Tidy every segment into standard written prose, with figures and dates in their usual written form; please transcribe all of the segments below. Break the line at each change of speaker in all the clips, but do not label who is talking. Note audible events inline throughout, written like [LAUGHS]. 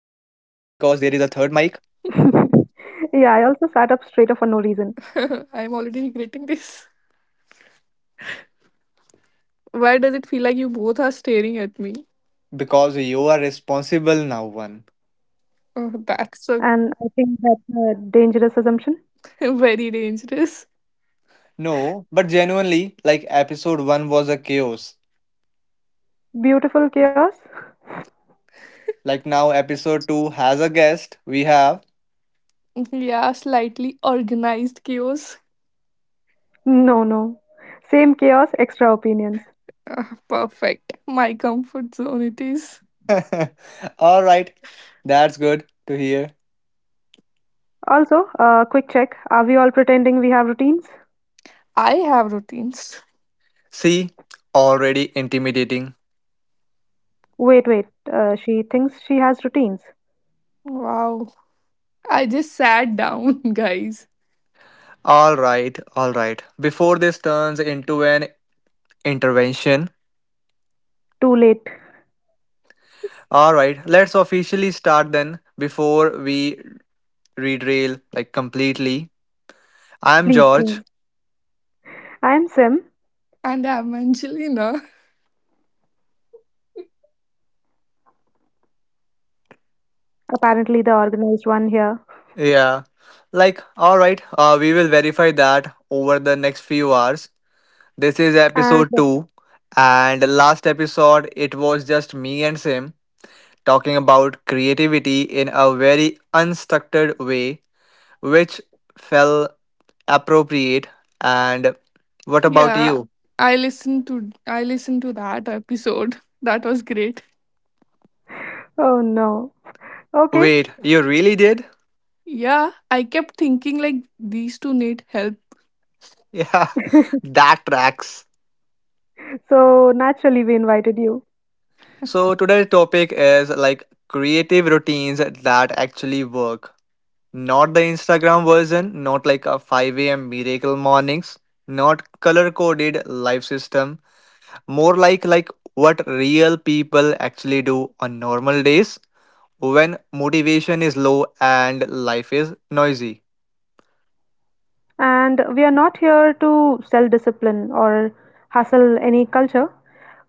[LAUGHS] Yeah, I also sat up straighter for no reason.
[LAUGHS] I am already regretting this. Why does it feel like you both are staring at me?
Because you are responsible now, one.
Oh, that's a
And I think that's a dangerous assumption.
[LAUGHS] very dangerous.
No, but genuinely, like, episode 1 was a chaos.
Beautiful chaos? [LAUGHS]
Like, now episode 2 has a guest. We have.
Yeah, slightly organized chaos.
No, no. Same chaos, extra opinions.
Ah, perfect. My comfort zone it is.
[LAUGHS] Alright, that's good to hear.
Also, quick check. Are we all pretending we have routines?
I have routines.
See, already intimidating.
Wait, wait. She thinks she has routines.
Wow. I just sat down, [LAUGHS] guys.
Alright, alright. Before this turns into an intervention,
Too late.
all right, let's officially start then before we redrail like completely. I'm
Please,
George.
please. I'm Sim,
And I'm Angelina.
apparently the organized one here.
Yeah. Like, all right, we will verify that over the next few hours. This is
And
episode 2, and last episode it was just me and Sim talking about creativity in a very unstructured way, which felt appropriate. And what about
Yeah.
you?
I listened to that episode. That was great.
oh no. Okay,
Wait, you really did?
Yeah, I kept thinking like these two need help.
Yeah, [LAUGHS] that tracks.
so naturally we invited you.
So today's topic is like creative routines that actually work. Not the Instagram version, not like a 5 a.m. miracle mornings, not color coded life system, more like what real people actually do on normal days when motivation is low and life is noisy.
And we are not here to sell discipline or hustle any culture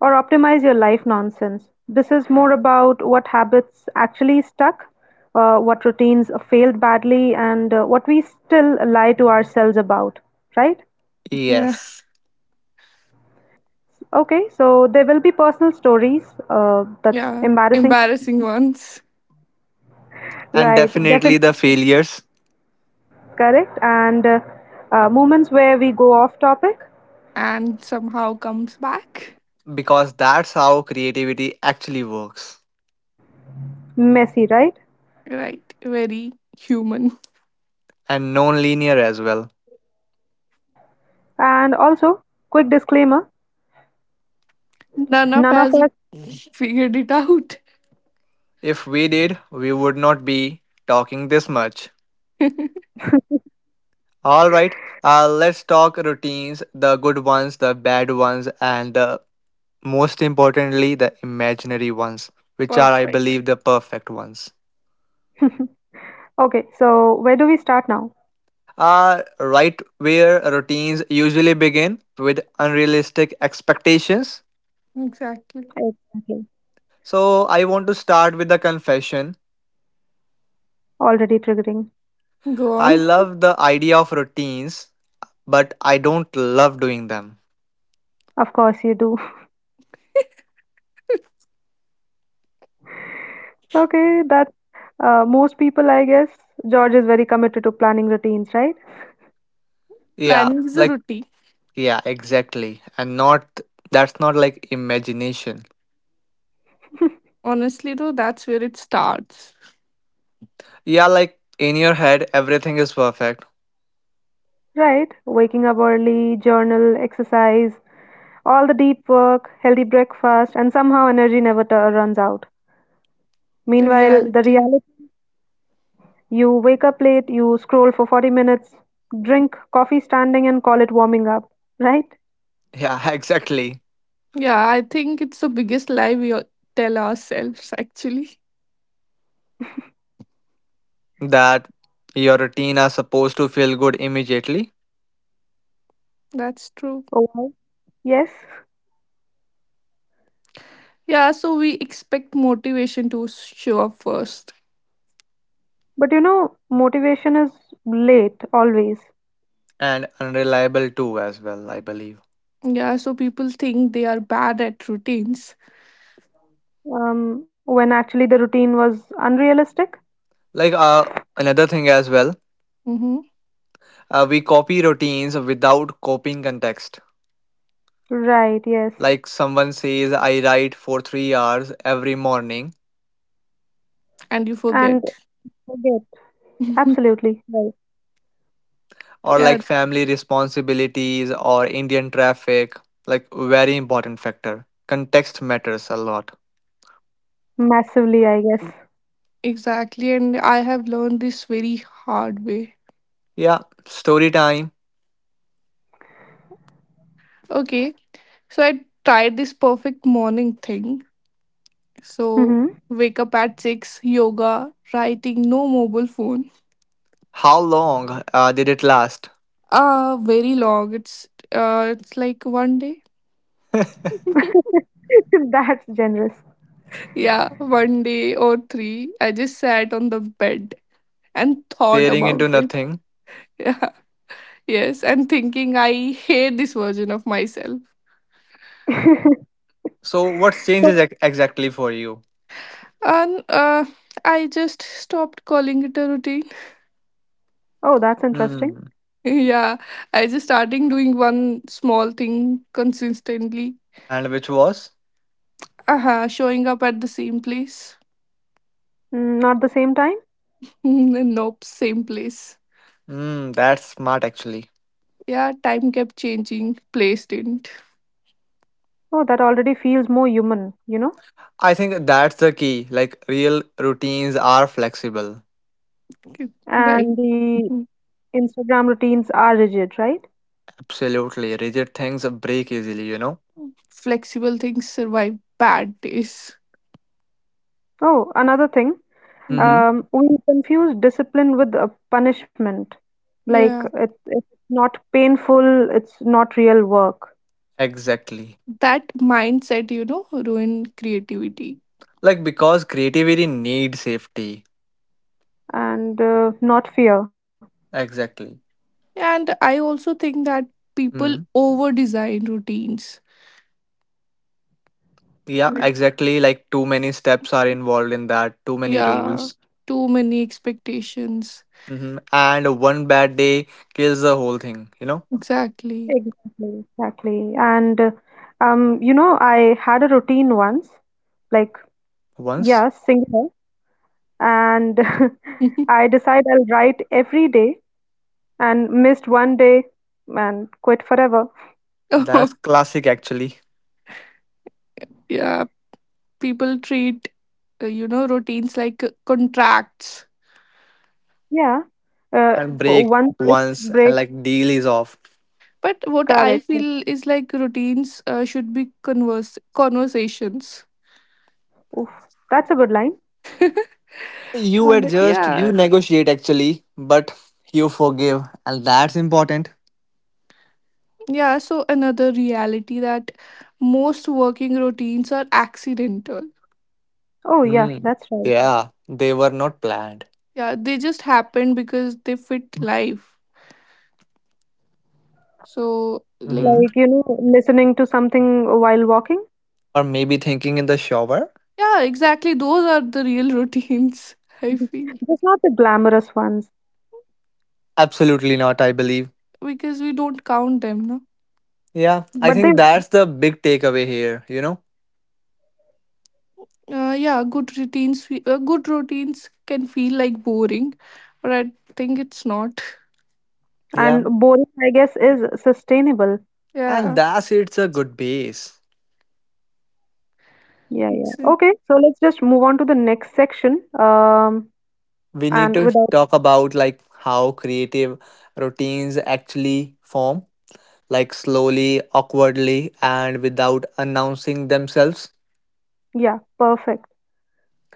or optimize your life nonsense. This is more about what habits actually stuck, what routines failed badly, and what we still lie to ourselves about, right?
[LAUGHS] Yeah.
Yes,
Okay, so there will be personal stories, that's
Yeah,
embarrassing
embarrassing
ones.
ones.
and
Right,
definitely the
definitely
failures
correct. And moments where we go off topic,
And somehow comes back.
because that's how creativity actually works.
messy, right?
Right, very human.
And non-linear as well.
And also, quick disclaimer,
[LAUGHS] None of
none of
us
us.
figured it out.
If we did, we would not be talking this much.
[LAUGHS]
All right, let's talk routines, the good ones, the bad ones, and the most importantly, the imaginary ones, which are, I
Perfect.
believe, the perfect ones.
Okay, so where do we start now?
Right where routines usually begin with unrealistic expectations.
Exactly.
Exactly.
So, I want to start with the confession.
Already triggering.
Go
I
on.
love the idea of routines, but I don't love doing them.
Of course, you do. [LAUGHS] Okay, that's most people, I guess. George is very committed to planning routines, right?
Yeah,
Planning is a
like.
routine.
Yeah, exactly. And not that's not like imagination.
Honestly, though, that's where it starts.
Yeah, like in your head everything is perfect.
Right, waking up early, journal, exercise, all the deep work, healthy breakfast, and somehow energy never runs out. Meanwhile, the
Reality.
reality. You wake up late, you scroll for 40 minutes, drink coffee standing and call it warming up, right?
Yeah, [LAUGHS] exactly.
Yeah, I think it's the biggest lie we all tell ourselves, actually.
That your routine are supposed to feel good immediately
That's true.
Oh, yes.
Yeah, so we expect motivation to show up first.
But you know, motivation is late always,
and unreliable too as well, I believe.
Yeah, so people think they are bad at routines.
when actually the routine was unrealistic.
Like another thing as well,
hmm
we copy routines without copying context.
Right, yes.
Like someone says I write for 3 hours every morning,
And you
And
forget.
forget.
[LAUGHS]
Absolutely. Right.
or
Yeah,
like family responsibilities or Indian traffic, like very important factor. Context matters a lot.
Massively, I guess.
exactly. And I have learned this very hard way.
Yeah, story time.
Okay, so I tried this perfect morning thing. So
hmm
wake up at 6, yoga, writing, no mobile phone.
How long did it last?
Very long. It's like one day. [LAUGHS]
[LAUGHS] That's generous.
Yeah, one day or three. I just sat on the bed and thought
Staring into
about it. [LAUGHS]
nothing.
Yeah. Yes, and thinking I hate this version of myself.
[LAUGHS]
So, what
So,
changes exactly for you?
And I just stopped calling it a routine.
oh, that's interesting.
Hmm.
[LAUGHS] Yeah, I just starting doing one small thing consistently.
And which was?
Uh-huh, showing up at the same place.
Mm, not the same time.
[LAUGHS] Nope, same place.
Hmm, that's smart actually.
Yeah, time kept changing, place didn't. [LAUGHS]
Oh, that already feels more human, you know?
I think that's the key. Like, real routines are flexible.
Okay. Right.
And the
Mhm.
Instagram routines are rigid, right?
Absolutely. Rigid things break easily, you know?
Flexible things survive bad days. [LAUGHS]
Oh, another thing,
Mhm.
Mm-hmm.
we confuse discipline with punishment. Like
Yeah,
it, it's not painful, it's not real work,
Exactly.
that mindset ruin creativity.
Like because creativity needs safety.
and not fear.
Exactly.
And I also think that people
Mm.
over design routines.
Yeah,
Yeah.
exactly. Like too many steps are involved in that, too many
Yeah,
rules.
too many expectations.
Hmm And one bad day kills the whole thing, you know?
Exactly.
Exactly, exactly. And you know, I had a routine once, like
Once.
yeah, singular, and [LAUGHS]
[LAUGHS]
I decide I'll write every day, and missed one day and quit forever.
Oh,
That's classic actually.
yeah. People treat routines like contracts.
Yeah. Uh,
And
o
break
once it
once
break,
and like deal is off.
But what I
correct.
feel is like routines should be converse conversations.
Oof, that's a good line.
[LAUGHS]
You adjust, you
Yeah.
negotiate actually, but you forgive, and that's important.
Yeah. So another reality, that most working routines are accidental.
Oh, yeah,
Hmm.
that's right.
Yeah, they were not planned.
Yeah, they just happen because they fit life. So, like,
Hmm
Like, you know, listening to something while walking.
Or maybe thinking in the shower?
yeah, exactly. Those are the real routines, [LAUGHS] I feel,
Just not the glamorous ones,
Absolutely not, I believe.
because we don't count them, no?
Yeah,
but
I
they,
think that's the big takeaway here, you know?
Yeah, good routines can feel like boring, but I think it's not. [LAUGHS]
Yeah,
and boring, I guess, is sustainable.
and
Yeah,
that's it's a good base.
Yeah, yeah.
it's
Okay, so let's just move on to the next section.
We need
And
to
without,
talk about like how creative routines actually form, like slowly, awkwardly, and without announcing themselves.
yeah, perfect.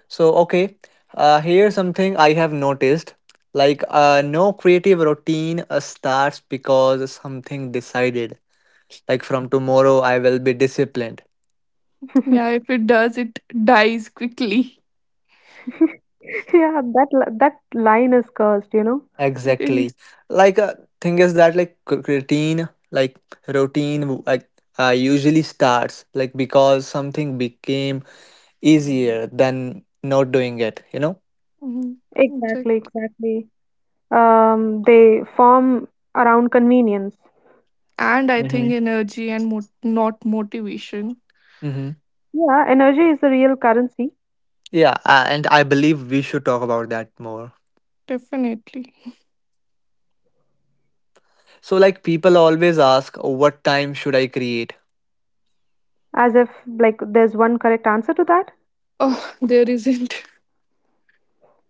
So, okay, here's something I have noticed. Like, no creative routine starts because something decided. Like, from tomorrow, I will be disciplined.
[LAUGHS]
yeah. If it does, it dies quickly.
Yeah, that that line is cursed, you know.
[LAUGHS] Mhm.
Exactly. Like thing is that like c- routine, like routine usually starts like because something became easier than not doing it. You know.
It's
Exactly,
like—
exactly. They form around convenience.
And I
Mm-hmm.
think energy and not motivation,
Mm-hmm.
Yeah, energy is the real currency,
Yeah, and I believe we should talk about that more.
definitely. [LAUGHS]
So like people always ask, what time should I create?
as if like there's one correct answer to that.
Oh, there isn't.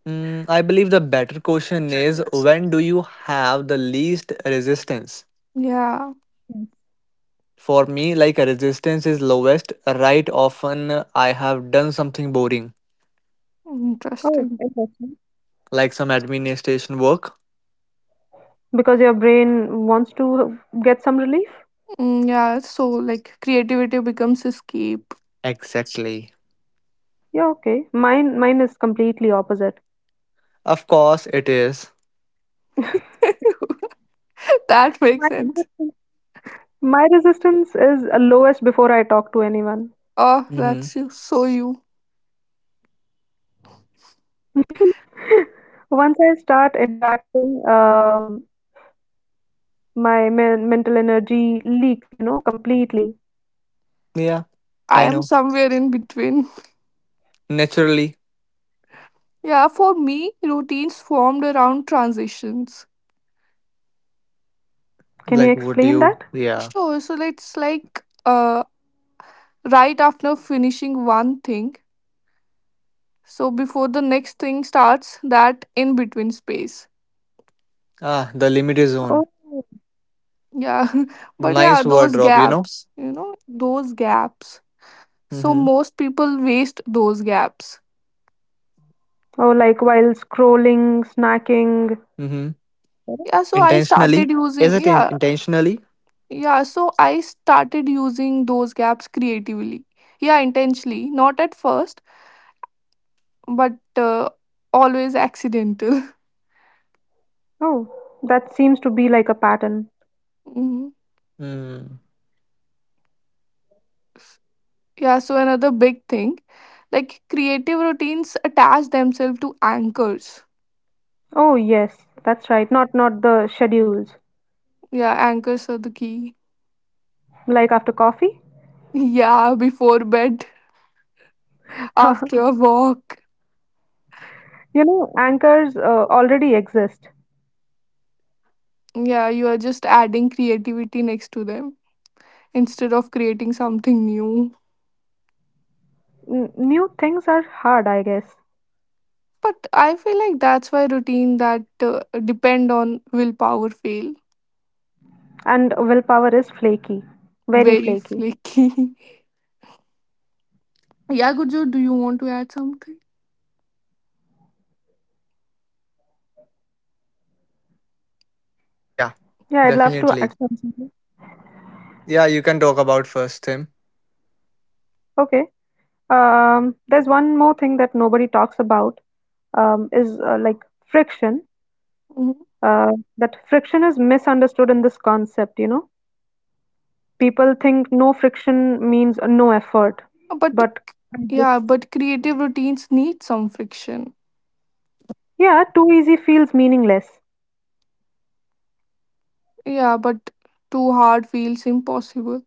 Mm, I believe the better question is when do you have the least resistance?
[LAUGHS] Yeah.
For me, like resistance is lowest, right? Often I have done something boring,
Oh,
Interesting.
interesting.
like some administration work.
Because your brain wants to get some relief.
Mm, yeah, so like creativity becomes escape.
Exactly.
Yeah, okay. Mine is completely opposite.
Of course, it is.
[LAUGHS]
[LAUGHS] That makes
My
sense.
resistance, my resistance is lowest before I talk to anyone.
Oh,
Mm-hmm.
that's you. So you.
[LAUGHS] Once I start interacting, my mental energy leaks, you know, completely.
Yeah,
I
I
am
know.
somewhere in between.
Naturally,
Yeah, for me, routines formed around transitions.
Can
like,
you
would
explain
you?
that?
Yeah.
Sure, so it's like right after finishing one thing. So before the next thing starts, that in between space.
Ah, the limit is on.
Oh,
Yeah. [LAUGHS] But yeah,
Nice word
those
drop, you know?
gaps those gaps. So
Mm-hmm.
most people waste those gaps.
oh, like while scrolling, snacking.
Mm-hmm.
yeah so i
Intentionally?
started using yeah
Intentionally?
yeah, so I started using those gaps creatively, yeah, intentionally, not at first, but uh, always accidental. [LAUGHS]
Oh, that seems to be like a pattern.
Mhm.
Mm.
Yeah, so another big thing, like creative routines attach themselves to anchors.
Oh, yes, that's right. Not the schedules.
Yeah, anchors are the key.
Like after coffee?
[LAUGHS] Yeah, before bed, after
[LAUGHS]
a walk.
You know, anchors already exist.
Yeah, you are just adding creativity next to them instead of creating something new.
N new things are hard, I guess.
But I feel like that's why routine that depend on willpower fail.
And willpower is flaky. Very
Very
flaky.
flaky. [LAUGHS] Yeah, Gurjo, do you want to add something?
Yeah,
Yeah, I'd love to
definitely.
add something.
Yeah, you can talk about first, Tim.
Okay. There's one more thing that nobody talks about, is like friction.
Mhm.
Uh, that friction is misunderstood in this concept, you know. People think no friction means no effort,
But
but I guess,
yeah, but creative routines need some friction.
yeah, too easy feels meaningless.
Yeah, but too hard feels impossible.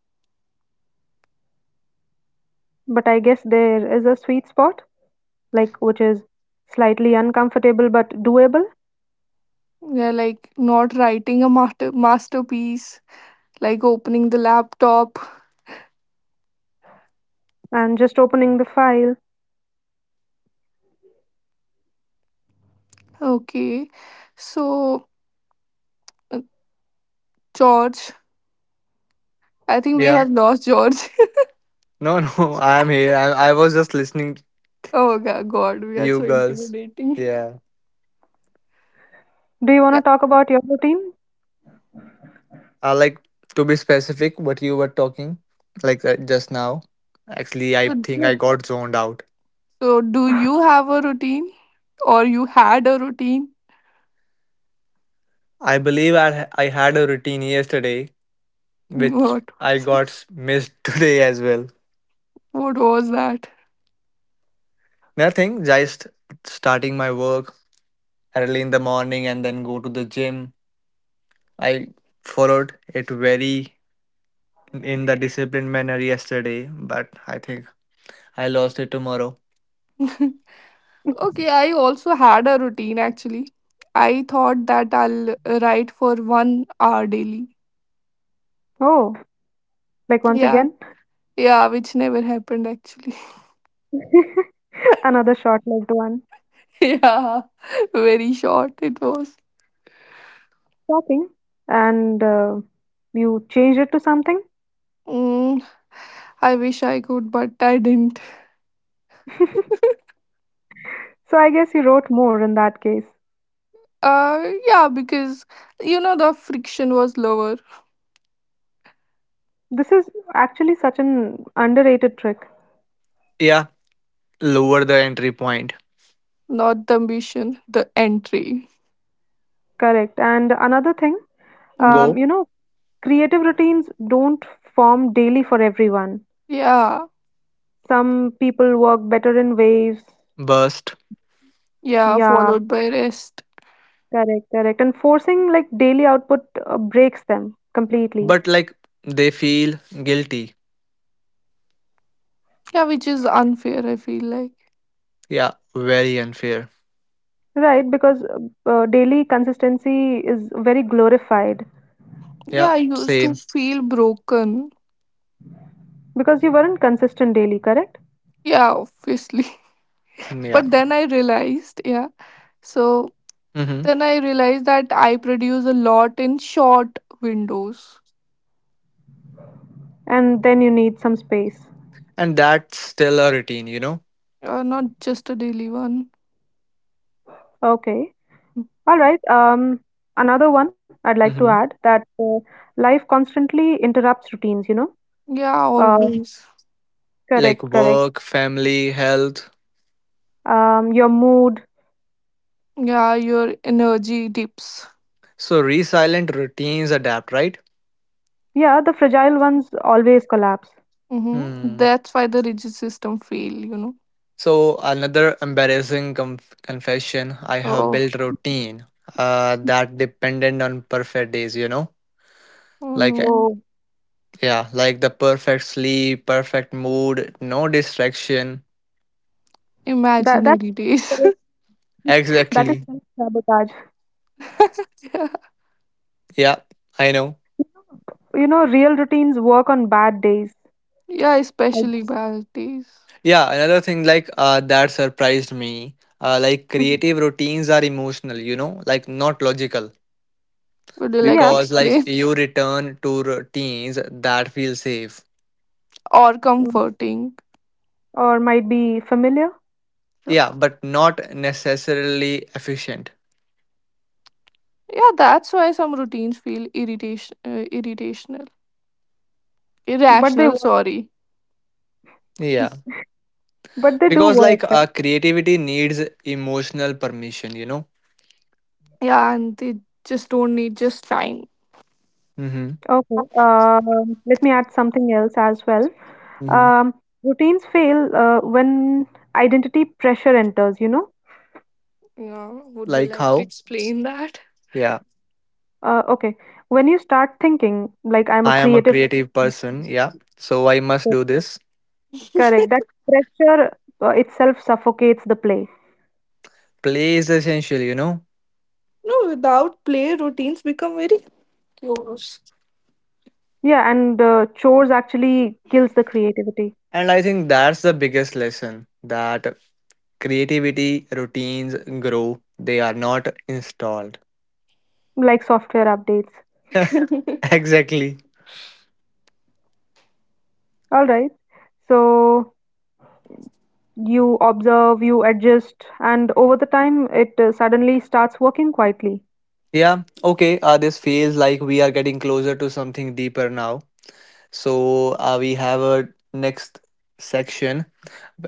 But I guess there is a sweet spot, like which is slightly uncomfortable but doable,
Yeah, like not writing a masterpiece, like opening the laptop.
and just opening the file.
Okay, so uh, George, I think we
Yeah.
have lost George.
No, no, [LAUGHS] I am here. I was just listening.
[LAUGHS] Oh God, God, we are
You
so
girls.
intimidating.
Yeah.
Do you want to
Yeah.
talk about your routine?
Like to be specific, what you were talking, like just now. Actually, I
So
think I
No.
got zoned out.
So, do you have a routine, or you had a routine?
I believe I had a routine yesterday, which
What
I got missed [LAUGHS] today as well.
what was that?
Nothing, just starting my work early in the morning and then go to the gym. I followed it very in the disciplined manner yesterday, but I think I lost it tomorrow.
[LAUGHS] Okay, I also had a routine actually. I thought that I'll write for one hour daily.
Oh, like once
Yeah,
again,
yeah, which never happened actually. [LAUGHS]
[LAUGHS] another short-lived one.
Yeah, very short it was.
Shopping, and you changed it to something.
Mm, I wish I could, but I didn't.
So I guess you wrote more in that case.
Yeah, because you know the friction was lower,
This is actually such an underrated trick.
Yeah, lower the entry point.
not the ambition, the entry.
Correct. And another thing,
Mm-hmm.
Go
you know, creative routines don't form daily for everyone.
Yeah.
Some people work better in waves.
burst.
Yeah,
Yeah,
followed by rest.
correct, correct. And forcing like daily output breaks them completely.
But like they feel guilty.
Yeah, which is unfair, I feel like.
Yeah, very unfair.
Right, because daily consistency is very glorified
Yeah,
Yeah,
I used to
same.
feel broken.
because you weren't consistent daily, correct?
Yeah, obviously. [LAUGHS]
Yeah,
But then I realized, yeah. So
hmm
then I realized that I produce a lot in short windows,
And then you need some space.
and that's still a routine, you know.
not just a daily one.
Okay. All right. Another one I'd like to
Hmm
add that life constantly interrupts routines, you know.
Yeah,
uh.
always.
like
Correct, correct.
work, family, health.
Your mood,
Yeah, your energy dips.
So resilient routines adapt, right?
yeah, the fragile ones always collapse.
Mm-hmm.
hmm.
That's why the rigid system fail, you know.
So another embarrassing confession, I have
Oh,
built routine that dependent on perfect days, you know.
oh
Like
no.
Oh,
yeah, like the perfect sleep, perfect mood, no distraction.
that that
Imaginary days.
[LAUGHS] that is
Exactly.
self-sabotage.
[LAUGHS]
Yeah, I know.
You know, real routines work on bad days.
Yeah,
I guess.
especially birthdays.
Yeah, another thing like that surprised me. Like
Mhm.
creative routines are emotional, you know, like not logical
Would you like
Yeah,
to
because like
explain?
you return to routines that feel safe.
[LAUGHS] Or
mm,
comforting.
or might be familiar,
So,
Yeah, but not necessarily efficient.
yeah, that's why some routines feel
but they
irrational.
work.
Sorry.
Yeah,
But they do
because
work,
like
right?
creativity needs emotional permission, you know.
Yeah, and they just don't need just time.
Mm-hmm.
Okay. Let me add something else as well.
Mm-hmm.
Um, routines fail when identity pressure enters. You know.
Yeah, would you
Like
like to
how?
explain that?
Yeah,
Okay. When you start thinking like I'm a
I am a
creative.
creative person. Yeah, so I must do this.
Correct.
[LAUGHS]
That pressure itself suffocates the play.
Play is essential, you know.
No, without play, routines become very close.
Yeah, and chores actually kills the creativity,
And I think that's the biggest lesson that creativity routines grow, they are not installed.
like software updates.
[LAUGHS] Exactly.
All right. So you observe, you adjust, and over the time, it suddenly starts working quietly.
Yeah, okay, this feels like we are getting closer to something deeper now. So, we have a next section,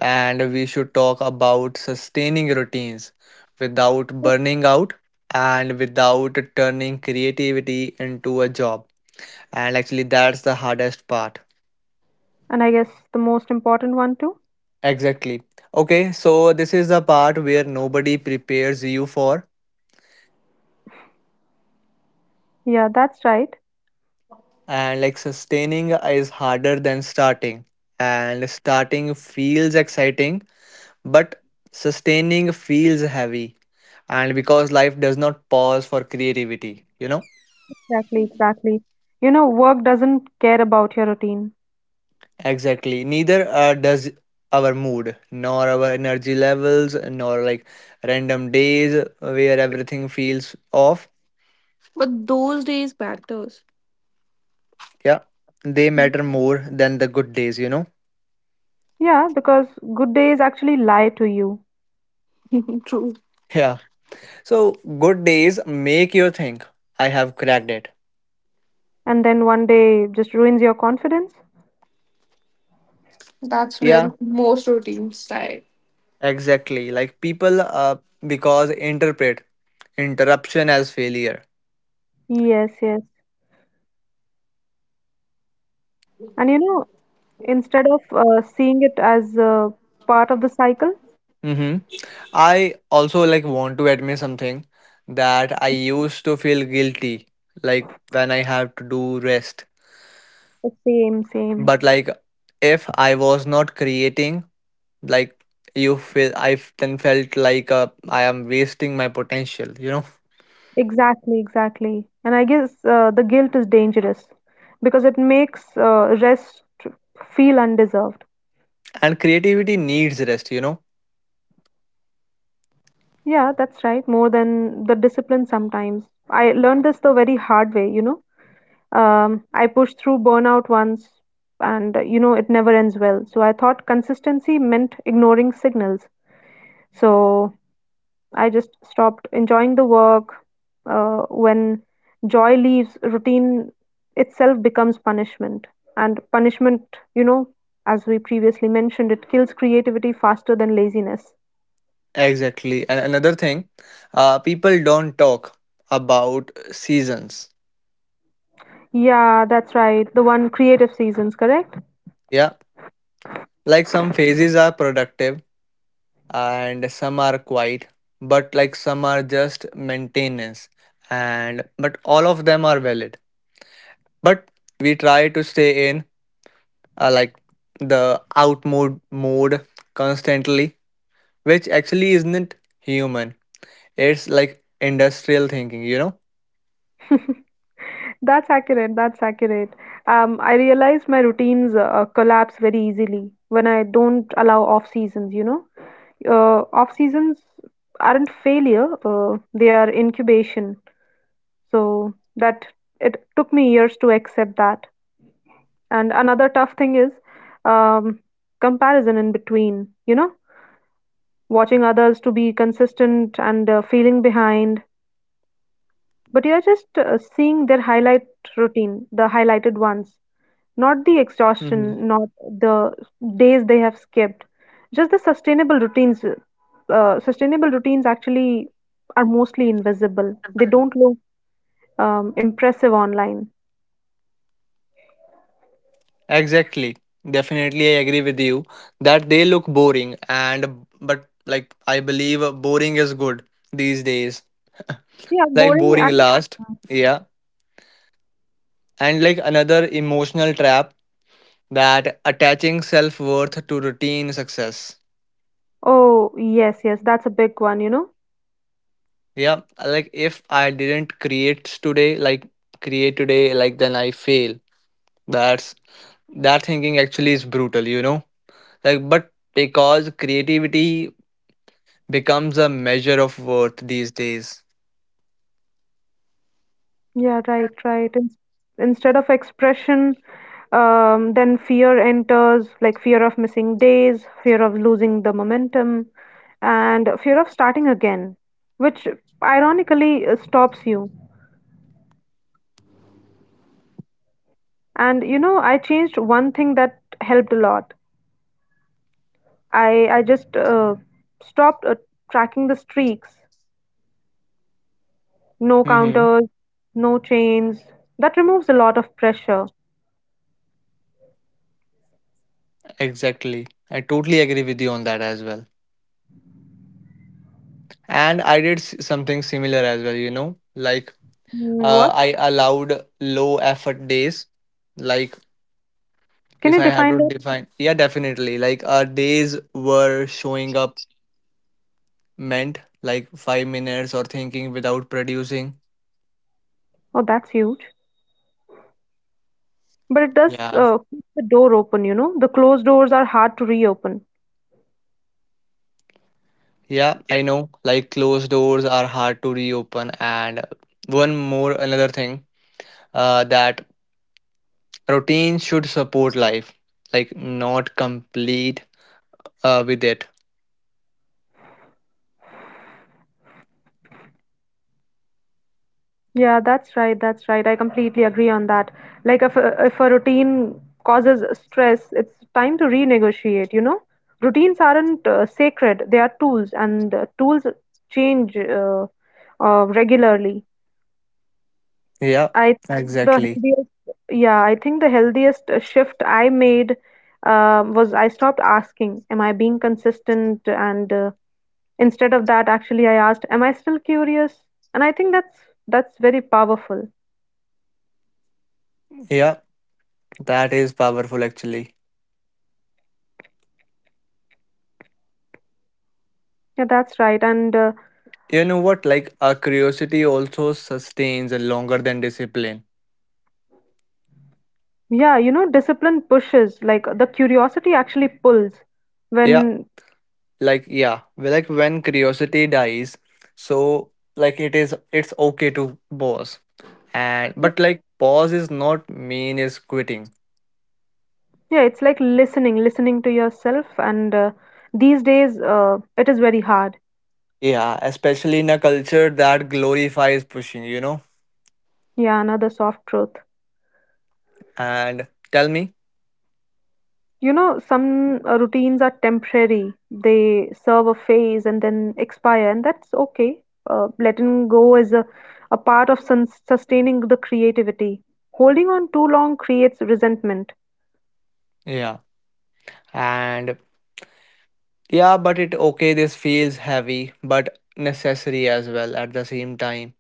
and we should talk about sustaining routines without
Oh.
burning out and without turning creativity into a job. And actually, that's the hardest part.
And I guess the most important one too.
Exactly. Okay, so this is the part where nobody prepares you for,
Yeah, that's right.
and like sustaining is harder than starting. And starting feels exciting, but sustaining feels heavy. And because life does not pause for creativity, you know?
Exactly, exactly. You know, work doesn't care about your routine.
Exactly. Neither does our mood, nor our energy levels, nor like random days where everything feels off.
But those days matters.
Yeah, they matter
[LAUGHS]
more than the good days, you know?
Yeah, because good days actually lie to you,
True.
[LAUGHS] Yeah, so good days make you think I have cracked it.
and then one day just ruins your confidence.
That's where
Yeah,
most routines start.
exactly. Like people because interpret interruption as failure.
Yes, yes. And you know, instead of seeing it as part of the cycle,
Mm-hmm. I also like want to admit something, that I used to feel guilty like when I have to do rest.
the same, same.
But like if I was not creating, like you feel I f- then felt like I am wasting my potential, you know.
Exactly, exactly. And I guess the guilt is dangerous because it makes rest feel undeserved.
And creativity needs rest, you know.
Yeah, that's right. More than the discipline sometimes. I learned this the very hard way, you know. I pushed through burnout once and, you know, it never ends well. So I thought consistency meant ignoring signals. So I just stopped enjoying the work. When joy leaves, routine itself becomes punishment. And punishment, you know, as we previously mentioned, it kills creativity faster than laziness.
Exactly. And another thing, people don't talk about seasons.
Yeah, that's right. The one creative seasons, correct?
Yeah. Like some phases are productive and some are quiet, but like some are just maintenance. And but all of them are valid. But we try to stay in like the out mode constantly, which actually isn't human. It's like industrial thinking, you
[LAUGHS] That's accurate. That's accurate. I realize my routines collapse very easily when I don't allow off seasons, you know. Off seasons aren't failure, they are incubation. So that it took me years to accept that, and another tough thing is, um, comparison in between, you know, watching others to be consistent and feeling behind, but you're just seeing their highlight routine, the highlighted ones, not the exhaustion,
know?
not the days they have skipped, just the sustainable routines. Sustainable routines actually are mostly invisible. They don't look impressive online.
Exactly. Definitely, I agree with you that they look boring, and but like I believe boring is good these days.
Yeah,
Yeah, like
boring
boring. Last,
actually.
yeah, and like another emotional trap, that attaching self worth to routine success.
Oh, yes, yes, that's a big one, you know?
Yeah, like if I didn't create today, like then I fail. That's that thinking actually is brutal, you know. Like, but because creativity becomes a measure of worth these days.
Yeah, right, right. In instead of expression, then fear enters, like fear of missing days, fear of losing the momentum, and fear of starting again, which ironically stops you. And you know, I changed one thing that helped a lot. I just stopped tracking the streaks. No
Mm-hmm.
counters, no chains. That removes a lot of pressure.
Exactly. I totally agree with you on that as well. And I did something similar as well, you know, like
Mm, what?
I allowed low effort days. Like,
Can
if
you
I have
define
to
that?
define, yeah, definitely. Like, our days were showing up meant like 5 minutes or thinking without producing.
Oh, that's huge. But it does
Yeah.
keep the door open, you know? The closed doors are hard to reopen.
Yeah, I know. Like, closed doors are hard to reopen. And one more, another thing that routine should support life, like not complete with it.
Yeah, that's right. That's right. I completely agree on that. Like if a routine causes stress, it's time to renegotiate, you know? Routines aren't sacred. They are tools and tools change regularly.
Yeah,
I the
exactly.
healthiest yeah, I think the healthiest shift I made was I stopped asking, am I being consistent, and instead of that, actually, I asked, "Am I still curious?" And I think that's very powerful.
Yeah, that is powerful actually.
Yeah, that's right. And
You know what? Like a curiosity also sustains longer than discipline.
yeah, you know, discipline pushes. Like the curiosity actually pulls.
Yeah,
When
like yeah, well, like when curiosity dies, so like it is it's okay to pause. And but like pause is not mean is quitting.
yeah, it's like listening, listening to yourself. And these days, it is very hard.
Yeah, especially in a culture that glorifies pushing, you know.
Yeah, another soft truth.
And tell me.
You know, some routines are temporary. They serve a phase and then expire, and that's okay. Letting go is a part of sun sustaining the creativity. Holding on too long creates resentment.
Yeah. And yeah, but it okay this feels heavy but necessary as well at the same time,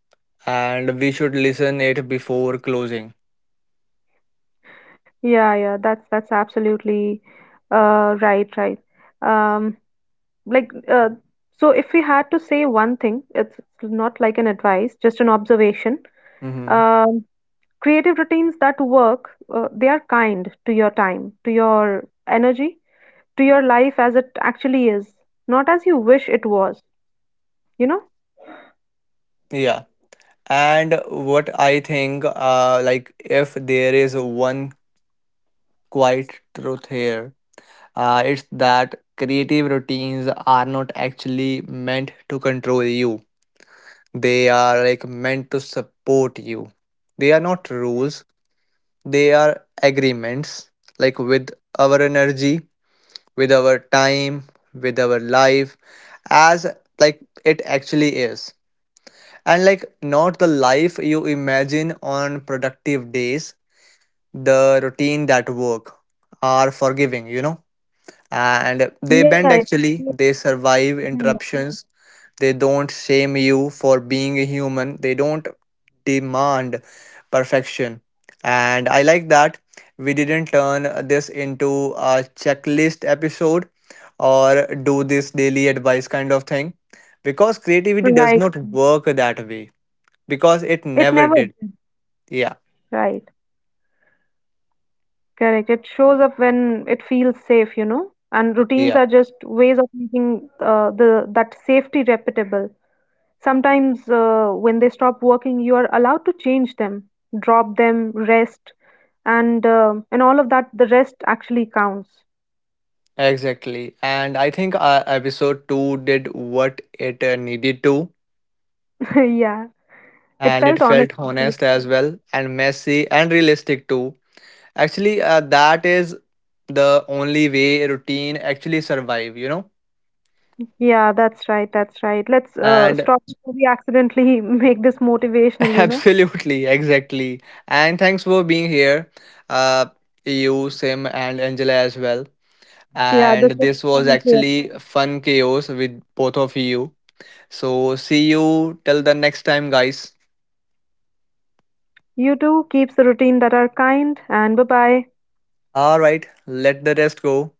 and we should listen it before closing.
Yeah, yeah, that's absolutely right, right. Um, like uh, so, if we had to say one thing, it's not like an advice, just an observation.
Mm-hmm.
Um, creative routines that work, they are kind to your time, to your energy, to your life as it actually is, not as you wish it was, you know.
Yeah, and what I think like if there is one quiet truth here, it's that creative routines are not actually meant to control you, they are like meant to support you, they are not rules, they are agreements, like with our energy, with our time, with our life, as like it actually is, and like not the life you imagine on productive days. The routine that work are forgiving, you know, and
Yeah,
they bend
yeah,
actually,
and
they survive interruptions, they don't shame you for being a human. They don't demand perfection. And I like that we didn't turn this into a checklist episode or do this daily advice kind of thing, because creativity
right,
does not work that way, because it
it
never
never
did.
did.
Yeah.
Right, correct, it shows up when it feels safe, you know, and routines
Yeah,
are just ways of making the that safety repeatable. Sometimes, when they stop working, you are allowed to change them, drop them, rest, and all of that. The rest actually counts.
exactly. And I think episode 2 did what it needed to,
[LAUGHS] Yeah, it
and it
felt
felt
honest.
honest
Actually.
as well, and messy and realistic too. Actually, that is the only way routine actually survive, you know?
Yeah, that's right. That's right. Let's
And
stop before we accidentally [LAUGHS] make this motivational.
[LAUGHS]
You know.
absolutely, exactly. And thanks for being here, uh, you, Sim, and Angela as well.
Yeah,
And
this is
this was
fun here.
actually fun chaos with both of you. So see you till the next time, guys.
You too. Keeps the routine that are kind. And bye bye.
All right, let the rest go.